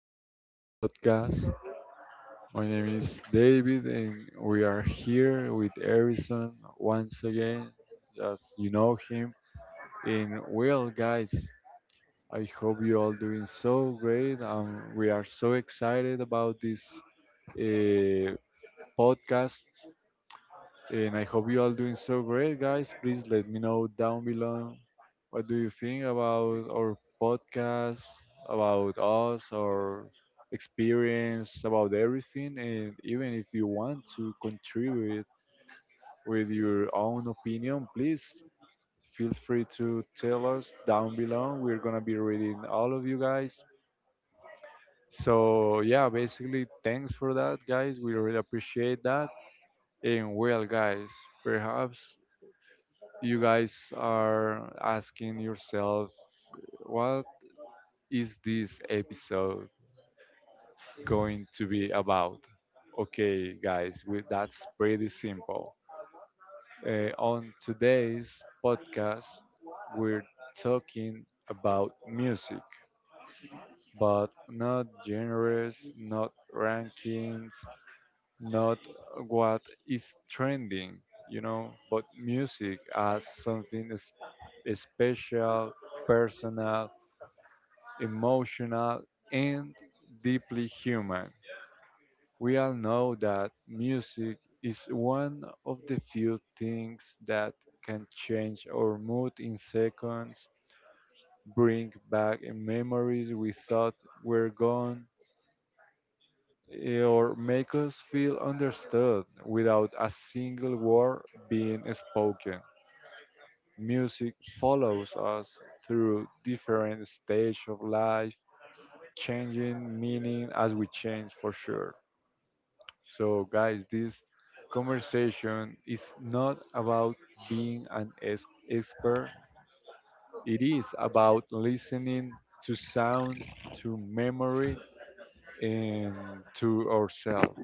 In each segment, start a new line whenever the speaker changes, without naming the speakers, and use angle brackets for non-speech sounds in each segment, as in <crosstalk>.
beautiful podcast. My name is David, and we are here with Harrison once again, as you know him. And well, guys, I hope you all doing so great. We are so excited about this uh, podcast. And I hope you all doing so great, guys. Please let me know down below what do you think about our podcast, about us, our experience, about everything. And even if you want to contribute with your own opinion, please feel free to tell us down below. We're gonna be reading all of you guys. So yeah, basically, thanks for that, guys. We really appreciate that. And well, guys, perhaps you guys are asking yourself, what is this episode going to be about? Okay, guys, that's pretty simple. On today's podcast, we're talking about music, but not genres, not rankings, not what is trending, you know, but music as something special, personal, emotional, and deeply human. We all know that music is one of the few things that can change our mood in seconds, bring back memories we thought were gone, or make us feel understood without a single word being spoken. Music follows us through different stages of life, changing meaning as we change for sure. So, guys, this conversation is not about being an expert, it is about listening to sound, to memory, and to ourselves.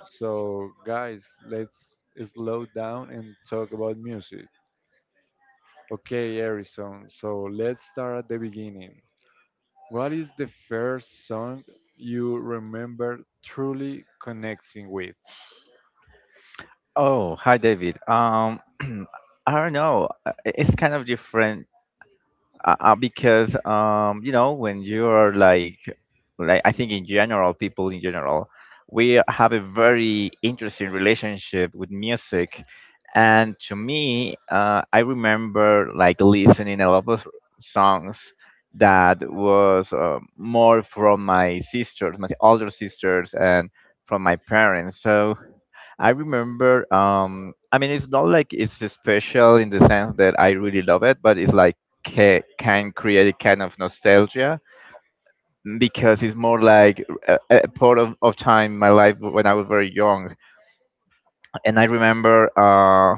So, guys, let's slow down and talk about music. Okay, Harrison, so let's start at the beginning. What is the first song you remember truly connecting with?
Oh, hi, David. <clears throat> I don't know. It's kind of different because when you are like, I think in general, people in general, we have a very interesting relationship with music, and to me, I remember like listening a lot of songs that was more from my sisters, my older sisters, and from my parents. So I remember. I mean, it's not like it's special in the sense that I really love it, but it's like can create a kind of nostalgia because it's more like a part of time in my life when I was very young and I remember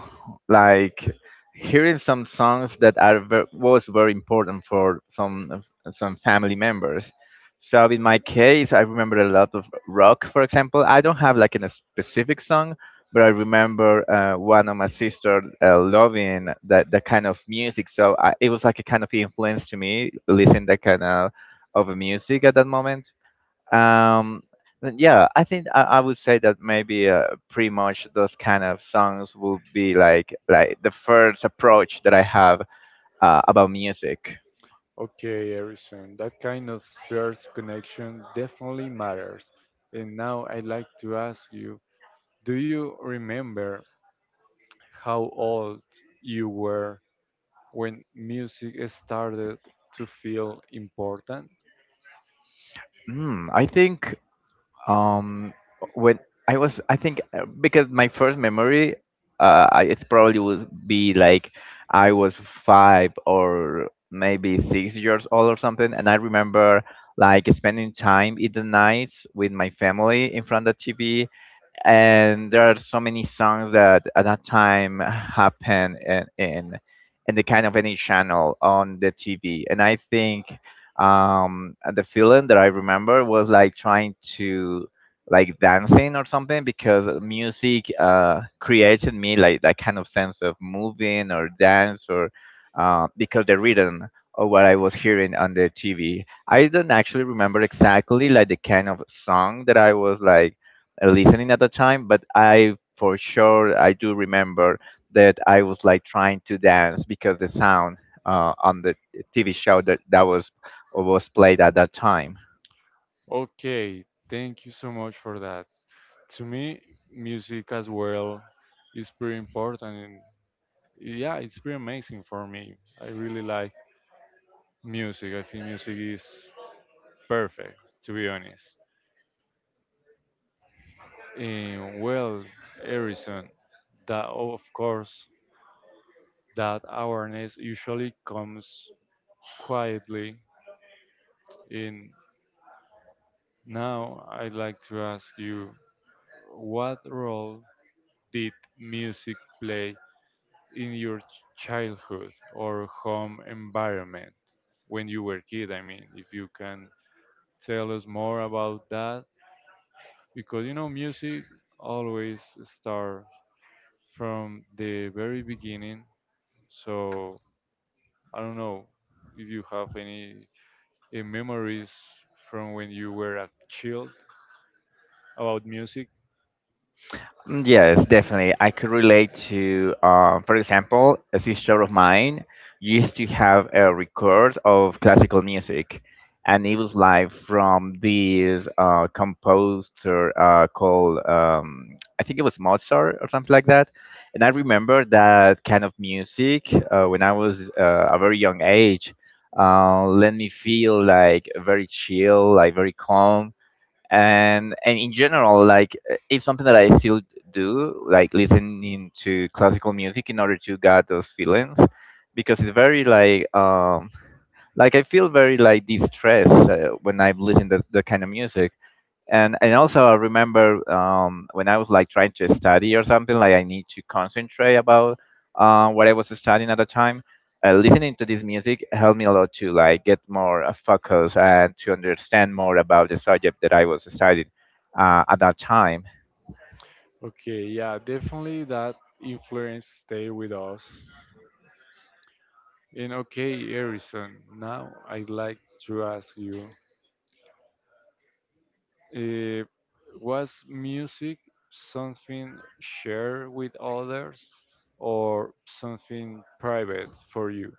like hearing some songs that are was very important for some family members. So in my case, I remember a lot of rock, for example. I don't have like a specific song, but I remember one of my sister loving that kind of music. So I, it was like a kind of influence to me listening that kind of music at that moment. Um then yeah, I think I would say that maybe pretty much those kind of songs will be like the first approach that I have about music.
Okay, Harrison, that kind of first connection definitely matters. And now I'd like to ask you, do you remember how old you were when music started to feel important?
I think um when I think because my first memory it probably would be like I was five or maybe 6 years old or something and I remember like spending time in the nights with my family in front of the TV, and there are so many songs that at that time happened in the kind of any channel on the TV. And I think the feeling that I remember was like trying to like dancing or something because music created me like that kind of sense of moving or dance or because the rhythm of what I was hearing on the TV. I don't actually remember exactly like the kind of song that I was like listening at the time, but I for sure I do remember that I was like trying to dance because the sound on the TV show that that was played at that time.
Okay, thank you so much for that. To me, music as well is pretty important and yeah, it's pretty amazing for me. I really like music. I think music is perfect, to be honest. Eh, well, Harrison, that of course, that awareness usually comes quietly. In now, I'd like to ask you, what role did music play in your childhood or home environment when you were kid? I mean, if you can tell us more about that, because you know, music always starts from the very beginning. So I don't know if you have any memories from when you were a child about music.
Yes, definitely. I could relate to, for example, a sister of mine used to have a record of classical music, and it was live from this composer called, I think it was Mozart or something like that. And I remember that kind of music when I was a very young age. Let me feel like very chill, like very calm, and in general like it's something that I still do like listening to classical music in order to get those feelings because it's very like I feel very like distressed when I've listened to the kind of music, and also I remember when I was like trying to study or something like I need to concentrate about what I was studying at the time. Listening to this music helped me a lot to like get more focused and to understand more about the subject that I was studying at that time.
Okay, yeah, definitely that influence stay with us. And okay, Harrison, now I'd like to ask you, uh, was music something shared with others or something private for you?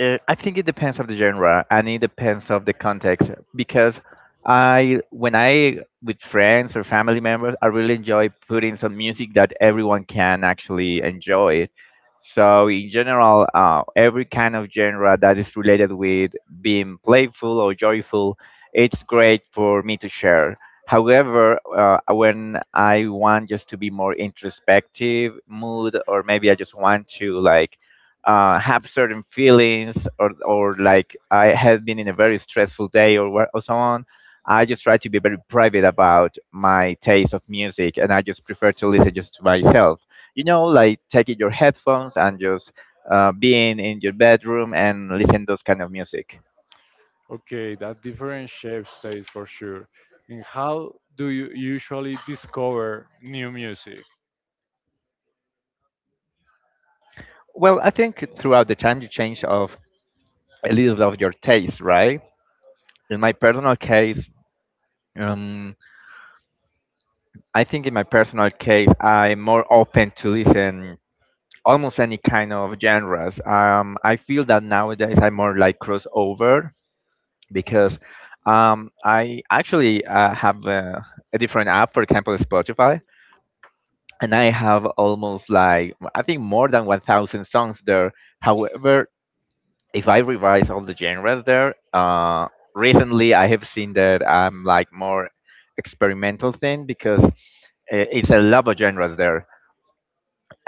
I think it depends of the genre and it depends of the context because I when I with friends or family members I really enjoy putting some music that everyone can actually enjoy. So in general, every kind of genre that is related with being playful or joyful, it's great for me to share. However, when I want just to be more introspective mood, or maybe I just want to like have certain feelings or like I have been in a very stressful day or or so on. I just try to be very private about my taste of music, and I just prefer to listen just to myself. You know, like taking your headphones and just being in your bedroom and listen those kind of music.
Okay, that different shapes taste for sure. And how do you usually discover new music?
Well, I think throughout the time you change of a little bit of your taste, right? In my personal case, um, I think in my personal case, I'm more open to listen almost any kind of genres. I feel that nowadays I more like crossover because I actually have a different app, for example, Spotify, and I have almost like I think more than 1,000 songs there. However, if I revise all the genres there, recently I have seen that I'm like more experimental thing because it's a lot of genres there.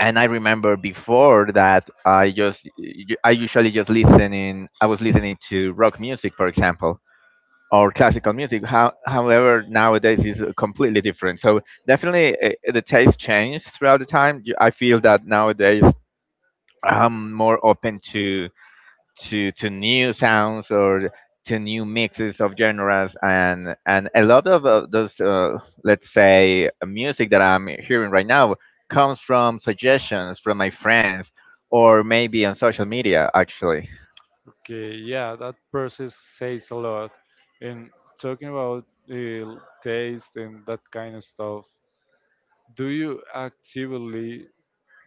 And I remember before that I just I usually just listening I was listening to rock music, for example, or classical music. However, nowadays is completely different. So definitely the taste changed throughout the time. I feel that nowadays I'm more open to new sounds or to new mixes of genres, and a lot of those let's say music that I'm hearing right now comes from suggestions from my friends or maybe on social media actually.
Okay, yeah, that process says a lot. And talking about taste and that kind of stuff, do you actively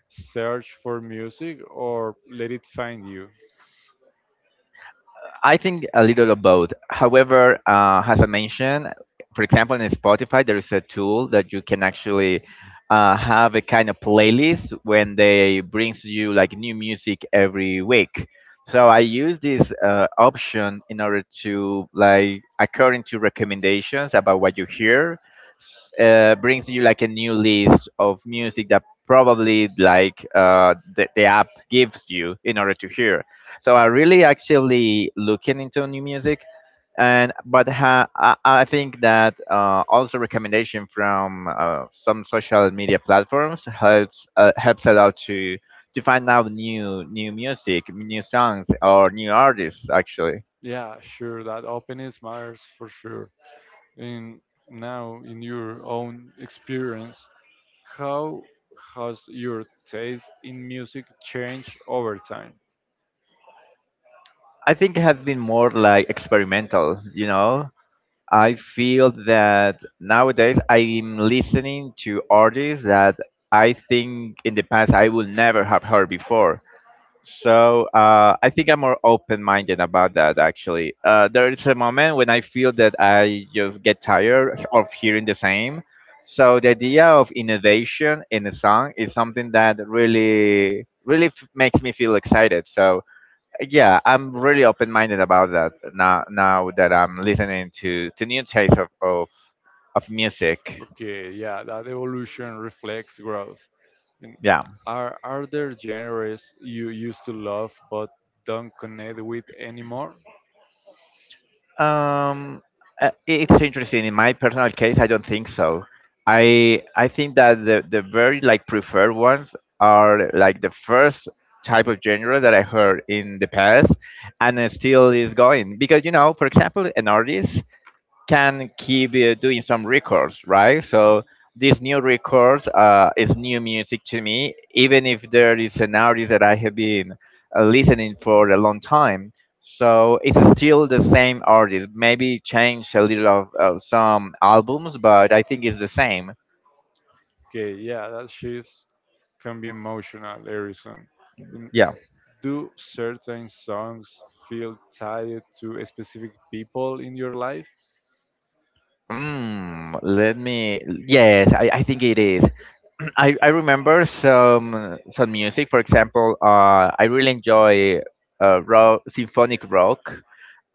search for music or let it find you?
I think a little of both. However, as I mentioned, for example, in Spotify, there is a tool that you can actually have a kind of playlist when they brings you like new music every week. So I use this option in order to like according to recommendations about what you hear, brings you like a new list of music that probably like the app gives you in order to hear. So I really actively looking into new music, and but I think that also recommendation from some social media platforms helps helps a lot to find out new music, new songs, or new artists actually.
Yeah, sure, that openness matters for sure. And now, in your own experience, how has your taste in music changed over time?
I think it has been more like experimental, you know, I feel that nowadays I'm listening to artists that I think in the past I would never have heard before. So I think I'm more open-minded about that. Actually, there is a moment when I feel that I just get tired of hearing the same. So the idea of innovation in a song is something that really, makes me feel excited. So yeah, I'm really open-minded about that. Now now that I'm listening to new taste of music.
Okay, yeah, that evolution reflects growth. And
yeah
are there genres you used to love but don't connect with anymore?
um uh, it's interesting in my personal case, I don't think so. I think that the very like preferred ones are like the first type of genre that I heard in the past, and it still is going because, you know, for example, an artist can keep doing some records, right? So this new records is new music to me, even if there is an artist that I have been listening for a long time. So it's still the same artist. Maybe change a little of some albums, but I think it's the same.
Okay, yeah, that shifts can be emotional, Harrison. And
Yeah.
do certain songs feel tied to a specific people in your life?
Let me. Yes, I think it is. <clears throat> I remember some music. For example, I really enjoy rock, symphonic rock.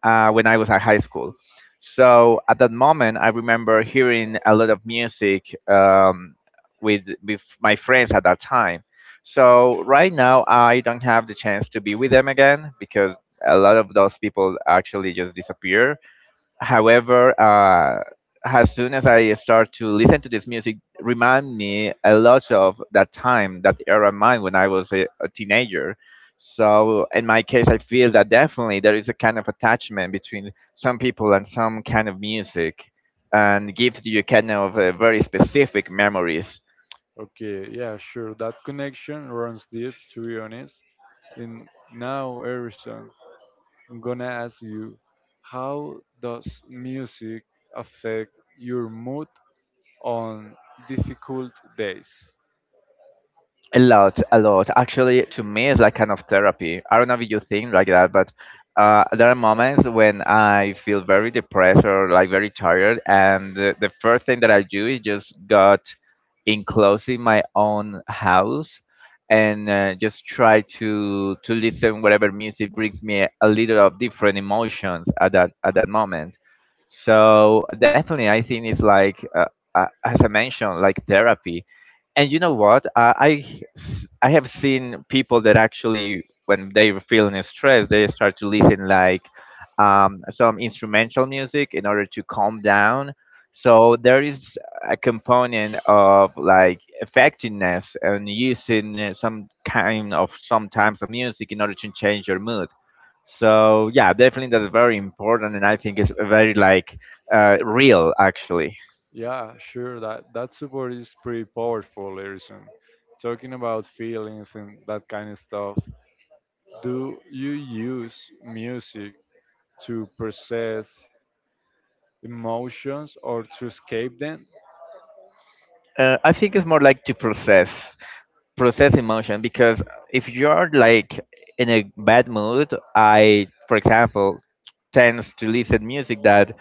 When I was at high school. So at that moment, I remember hearing a lot of music with my friends at that time. So right now, I don't have the chance to be with them again because a lot of those people actually just disappear. However, as soon as I start to listen to this music, remind me a lot of that time, that era of mine when I was a teenager. So in my case, I feel that definitely there is a kind of attachment between some people and some kind of music, and gives you kind of very specific memories.
Okay, yeah, sure. That connection runs deep, to be honest. And now, Harrison, I'm gonna ask you, how does music affect your mood on difficult days?
A lot, a lot. Actually, to me, it's like kind of therapy. I don't know if you think like that, but there are moments when I feel very depressed or like very tired, and the first thing that I do is just got enclosed in my own house and just try to listen whatever music brings me a little of different emotions at that moment. So definitely, I think it's like as I mentioned, like therapy. And you know what, I have seen people that actually when they were feeling stressed they start to listen like some instrumental music in order to calm down. So there is a component of like effectiveness and using some kind of sometimes of music in order to change your mood. So yeah, definitely that's very important, and I think it's very like real actually.
Yeah, sure, that support is pretty powerful, Harrison. Talking about feelings and that kind of stuff, do you use music to process emotions or to escape them?
I think it's more like to process. Process emotion because if you're like in a bad mood, I for example tends to listen music that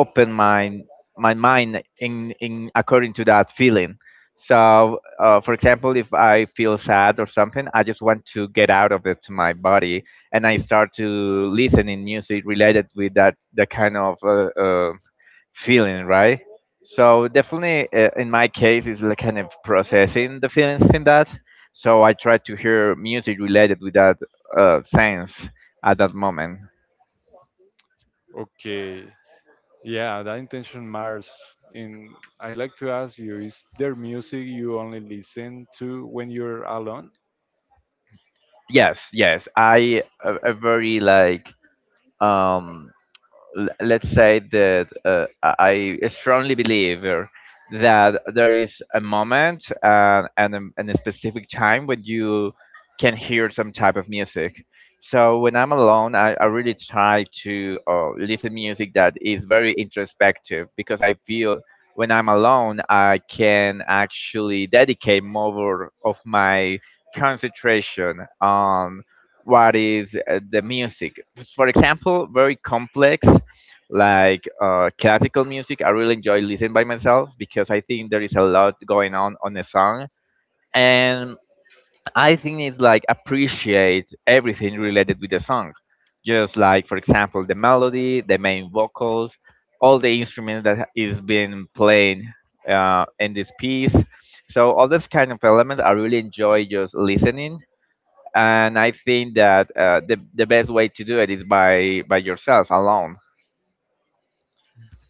open my mind in according to that feeling. So for example, if I feel sad or something, I just want to get out of it to my body. And I start to listen in music related with that the kind of feeling, right? So definitely, in my case, it's like kind of processing the feelings in that. So I try to hear music related with that sense at that moment.
Okay, yeah, that intention matters. And I like to ask you, is there music you only listen to when you're alone?
Yes, yes, I a very like um l- let's say that I strongly believe, that there is a moment and a specific time when you can hear some type of music. So when I'm alone, I really try to listen music that is very introspective, because I feel when I'm alone, I can actually dedicate more of my concentration on what is the music. For example, very complex like classical music, I really enjoy listening by myself because I think there is a lot going on the song. And I think it's like appreciate everything related with the song, just like for example the melody, the main vocals, all the instruments that is being played in this piece. So all those kind of elements I really enjoy just listening, and I think that the best way to do it is by yourself alone.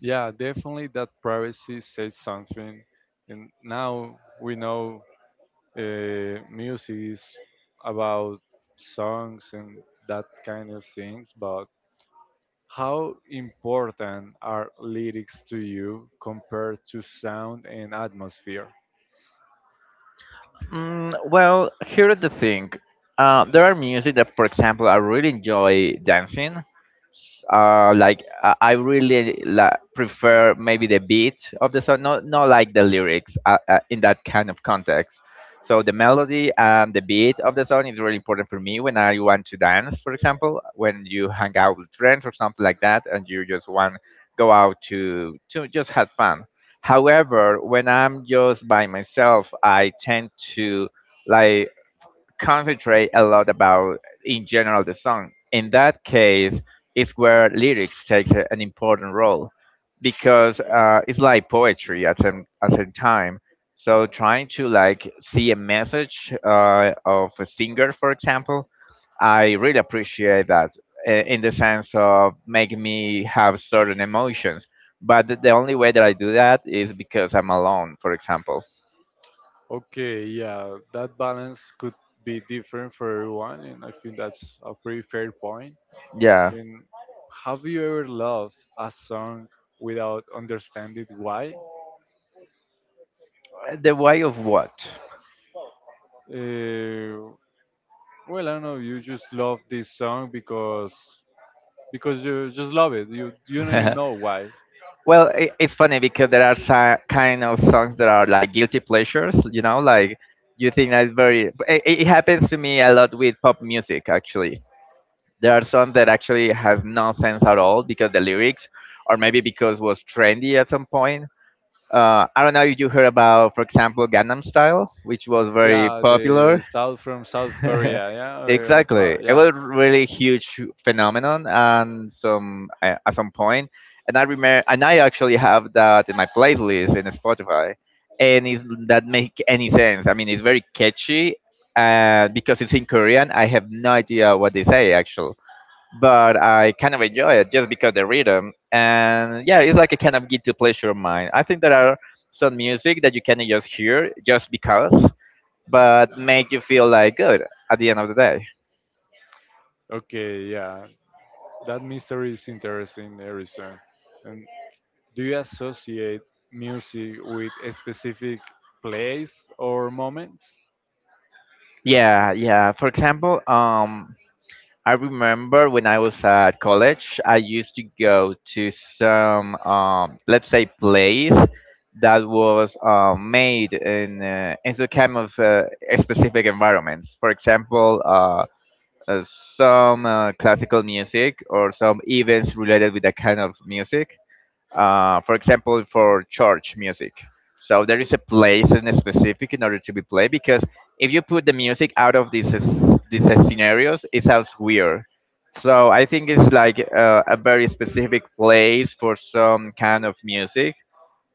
Yeah, definitely that privacy says something. And now we know music is about songs and that kind of things, but how important are lyrics to you compared to sound and atmosphere?
Mm, well, here is the thing. There are music that, for example, I really enjoy dancing, like I really prefer maybe the beat of the song, not like the lyrics in that kind of context. So the melody and the beat of the song is really important for me when I want to dance, for example when you hang out with friends or something like that and you just want go out to just have fun. However, when I'm just by myself, I tend to like concentrate a lot about in general the song. In that case, it's where lyrics takes an important role, because it's like poetry at some time. So trying to like see a message of a singer, for example, I really appreciate that in the sense of making me have certain emotions. But the only way that I do that is because I'm alone, for example.
Okay, yeah, that balance could be different for everyone, and I think that's a pretty fair point.
Yeah.
And have you ever loved a song without understanding why?
The way of what?
Uh, well, I don't know. You just love this song because you just love it. You don't even know
<laughs>
why.
Well, it's funny because there are some kind of songs that are like guilty pleasures, like you think that's very. It happens to me a lot with pop music, actually. There are songs that actually has no sense at all because the lyrics, or maybe because was trendy at some point. I don't know if you heard about, for example, Gangnam Style, which was very
Yeah, the
popular.
South from South
<laughs>
Korea. Yeah,
Exactly.
but
It
yeah.
was really huge phenomenon and some at some point, and I remember, and I actually have that in my playlist in Spotify, and it that make any sense. I mean, it's very catchy, and because it's in Korean I have no idea what they say actually. But I kind of enjoy it just because the rhythm, and yeah, it's like a kind of guilty pleasure of mine. I think there are some music that you can just hear just because, but make you feel like good at the end of the day.
Okay, yeah. That mystery is interesting, Harrison. And do you associate music with a specific place or moments?
Yeah, yeah. For example, I remember when I was at college, I used to go to some, let's say, place that was made in the kind of specific environments. For example, some classical music or some events related with that kind of music. For example, for church music. So there is a place in a specific in order to be played, because if you put the music out of these these scenarios, it sounds weird. So I think it's like a very specific place for some kind of music.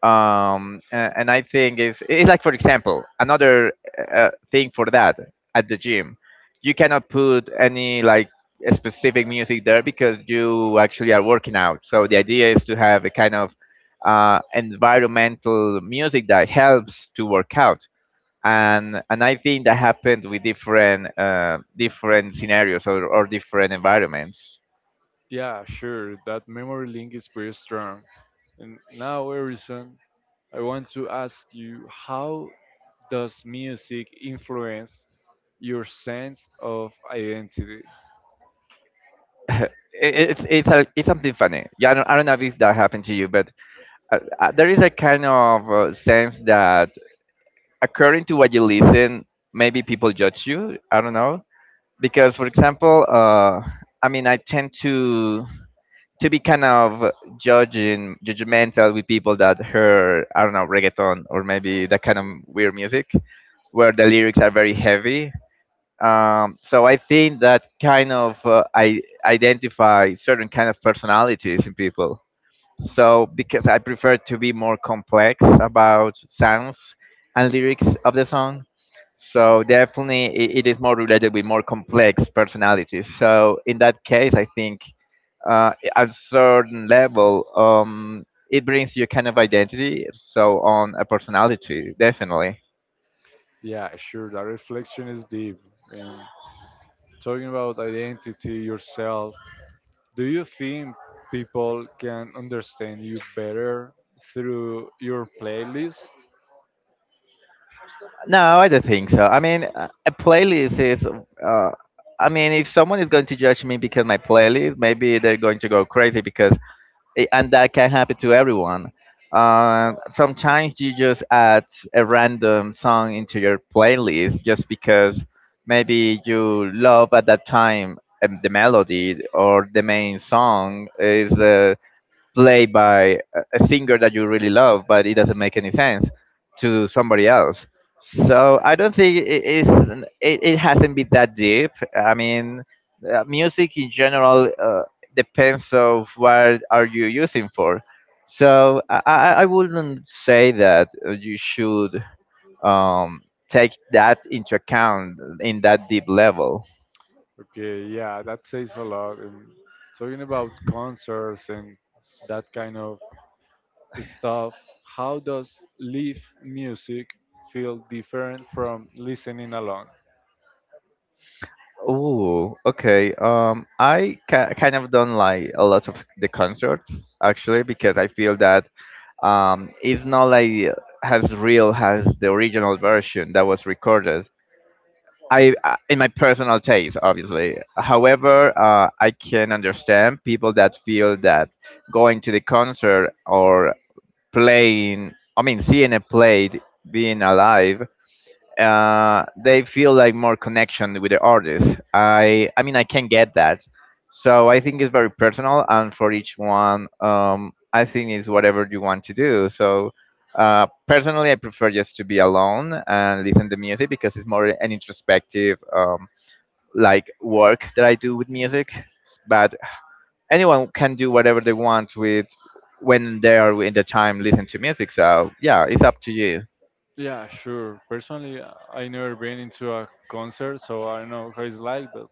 And I think it's, like for example another thing for that. At the gym, you cannot put any like a specific music there, because you actually are working out, so the idea is to have a kind of environmental music that helps to work out. And I think that happened with different scenarios or different environments.
Yeah, sure, that memory link is pretty strong. And now, Harrison, I want to ask you, how does music influence your sense of identity?
<laughs> It's something funny, yeah. I don't know if that happened to you, but there is a kind of sense that according to what you listen, maybe people judge you, I don't know. Because for example, I mean, I tend to be kind of judging judgmental with people that hear, I don't know, reggaeton, or maybe that kind of weird music where the lyrics are very heavy. So I think that kind of I identify certain kind of personalities in people. So because I prefer to be more complex about sounds and lyrics of the song. So definitely it is more related with more complex personalities. So in that case, I think at a certain level, it brings you kind of identity. So on a personality, definitely.
Yeah, sure, that reflection is deep. And talking about identity, yourself, do you think people can understand you better through your playlist?
No, I don't think so. I mean, a playlist is. I mean, if someone is going to judge me because my playlist, maybe they're going to go crazy, because and that can happen to everyone. Sometimes you just add a random song into your playlist just because maybe you love at that time the melody, or the main song is played by a singer that you really love, but it doesn't make any sense to somebody else. So I don't think it is. It hasn't been that deep. I mean, music in general depends of what are you using for. So I wouldn't say that you should um, take that into account in that deep level.
Okay, yeah, that says a lot. And talking about concerts and that kind of stuff, how does live music feel different from listening alone?
Oh, okay. I kind of don't like a lot of the concerts, actually, because I feel that it's not like as real as the original version that was recorded. I, in my personal taste, obviously. However, I can understand people that feel that going to the concert, or playing, I mean, seeing a play, being alive, they feel like more connection with the artist. I mean I can get that. So I think it's very personal, and for each one, I think it's whatever you want to do. So personally, I prefer just to be alone and listen to music, because it's more an introspective like work that I do with music. But anyone can do whatever they want with when they are in the time listen to music. So yeah, it's up to you.
Yeah, sure. Personally, I never been into a concert, so I don't know how it's like, but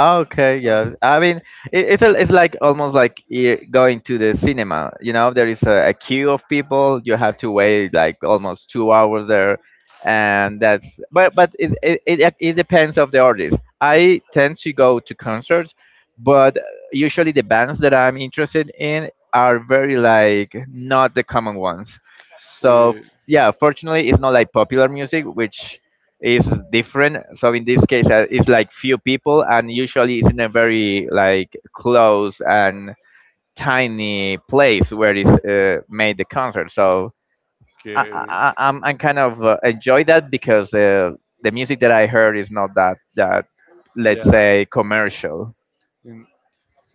Okay, yeah. I mean, it's like almost like going to the cinema. You know, there is a queue of people. You have to wait like almost 2 hours there, and that's. But it depends of the artist. I tend to go to concerts, but usually the bands that I'm interested in are very like not the common ones. So
okay,
yeah, fortunately, it's not like popular music, which is different. So in this case, it's like few people, and usually it's in a very like close and tiny place where it's made the concert. So I, I, I'm kind of enjoy that, because the music that I heard is not that let's
yeah.
say commercial.
Mm,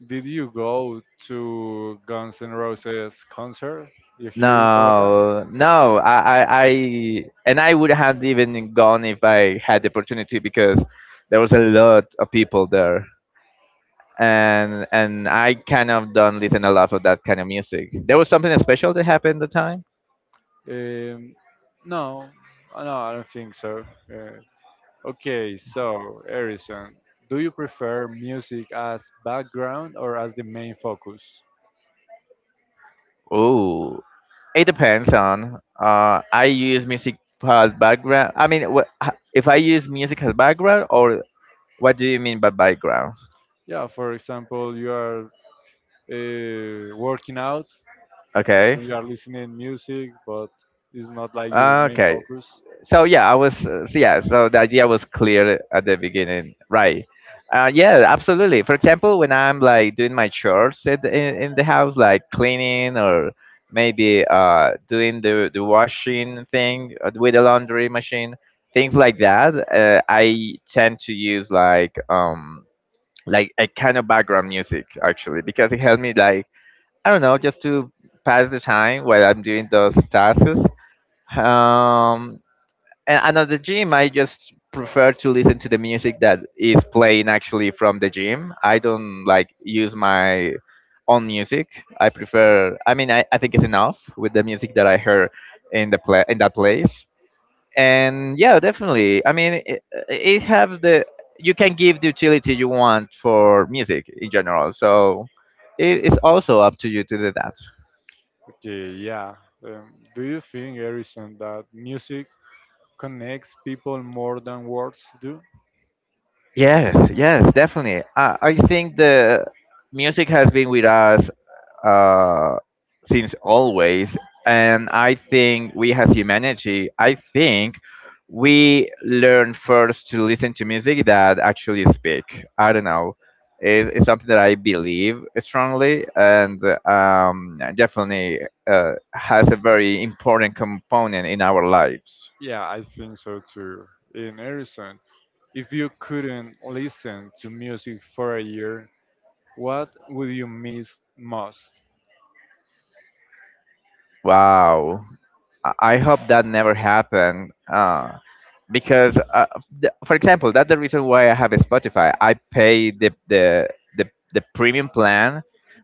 did you go to Guns N' Roses concert you here in Bogota?
No, no, and I would have even gone if I had the
Yeah.
opportunity, because there was a lot of people there. And I kind of don't listen a lot of that kind of music. There was something special that happened at the time.
Um, no, no, I don't think so. Uh, okay, so Harrison, do you prefer music as background or as the main focus?
Oh, it depends on. I use music as background. I mean, if I use music as background, or what do you mean by background?
Yeah, for example, you are working out,
Okay,
you are listening music, but it's not like your main
okay.
focus.
So yeah, so the idea was clear at the beginning, right? Yeah, absolutely. For example, when I'm like doing my chores in the house, like cleaning, or maybe doing the washing thing with the laundry machine, things like that, I tend to use like a kind of background music, actually, because it helps me like, I don't know, just to pass the time while I'm doing those tasks. um and at the gym I just prefer to listen to the music that is playing actually from the gym. I don't like use my own music. I prefer, I mean, I think it's enough with the music that I heard in the pla in that place. And yeah, definitely, I mean, it has the, you can give the utility you want for music in general. So it's also up to you to do that.
Okay, yeah. Do you think, Harrison, that music connects people more than words do?
Yes, yes, definitely, I think the music has been with us uh, since always. And I think we as humanity, I think we learn first to listen to music that actually speak. I don't know. It's something that I believe strongly, and definitely has a very important component in our lives.
Yeah, I think so too. In Harrison, if you couldn't listen to music for a year, what would you miss most?
Wow. I hope that never happened. Because for example, that's the reason why I have a Spotify. I pay the, the the premium plan,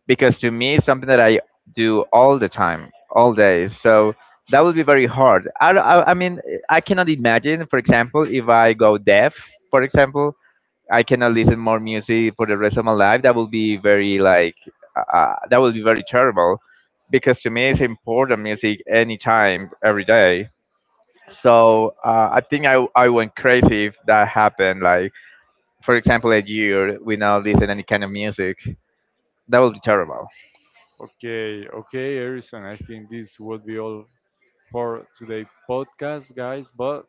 because to me it's something that I do all the time, all day. So that would be very hard. I mean, I cannot imagine, for example, if I go deaf, for example, I cannot listen more music for the rest of my life. That would be very like that would be very terrible, because to me it's important music anytime every day. So I think I went crazy if that happened. Like for example, a year we now listen any kind of music. That would be terrible.
Okay, okay, Harrison, I think this would be all for today's podcast, guys. But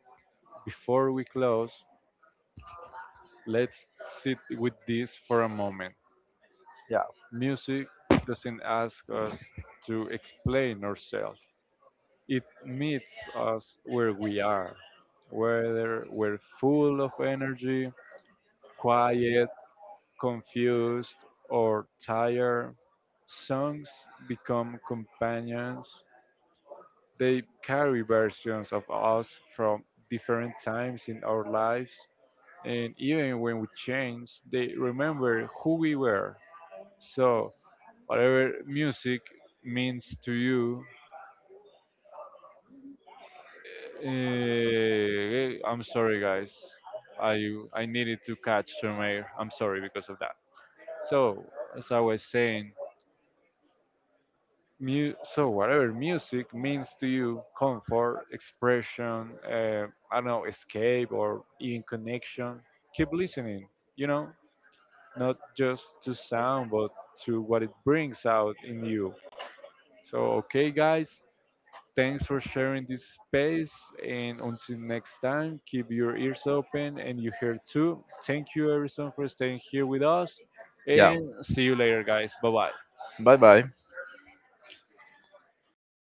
before we close, let's sit with this for a moment.
Yeah.
Music doesn't ask us to explain ourselves. It meets us where we are, whether we're full of energy, quiet, confused, or tired. Songs become companions. They carry versions of us from different times in our lives, and even when we change, they remember who we were. So, whatever music means to you. I'm sorry, guys. I I needed to catch some air. I'm sorry because of that. So as I was saying, so whatever music means to you, comfort, expression, I don't know, escape or even connection. Keep listening. You know, not just to sound, but to what it brings out in you. So okay, guys, thanks for sharing this space. And until next time, keep your ears open and you hear too. Thank you, everyone, for staying here with us.
Yeah.
And see you later, guys. Bye bye.
Bye bye.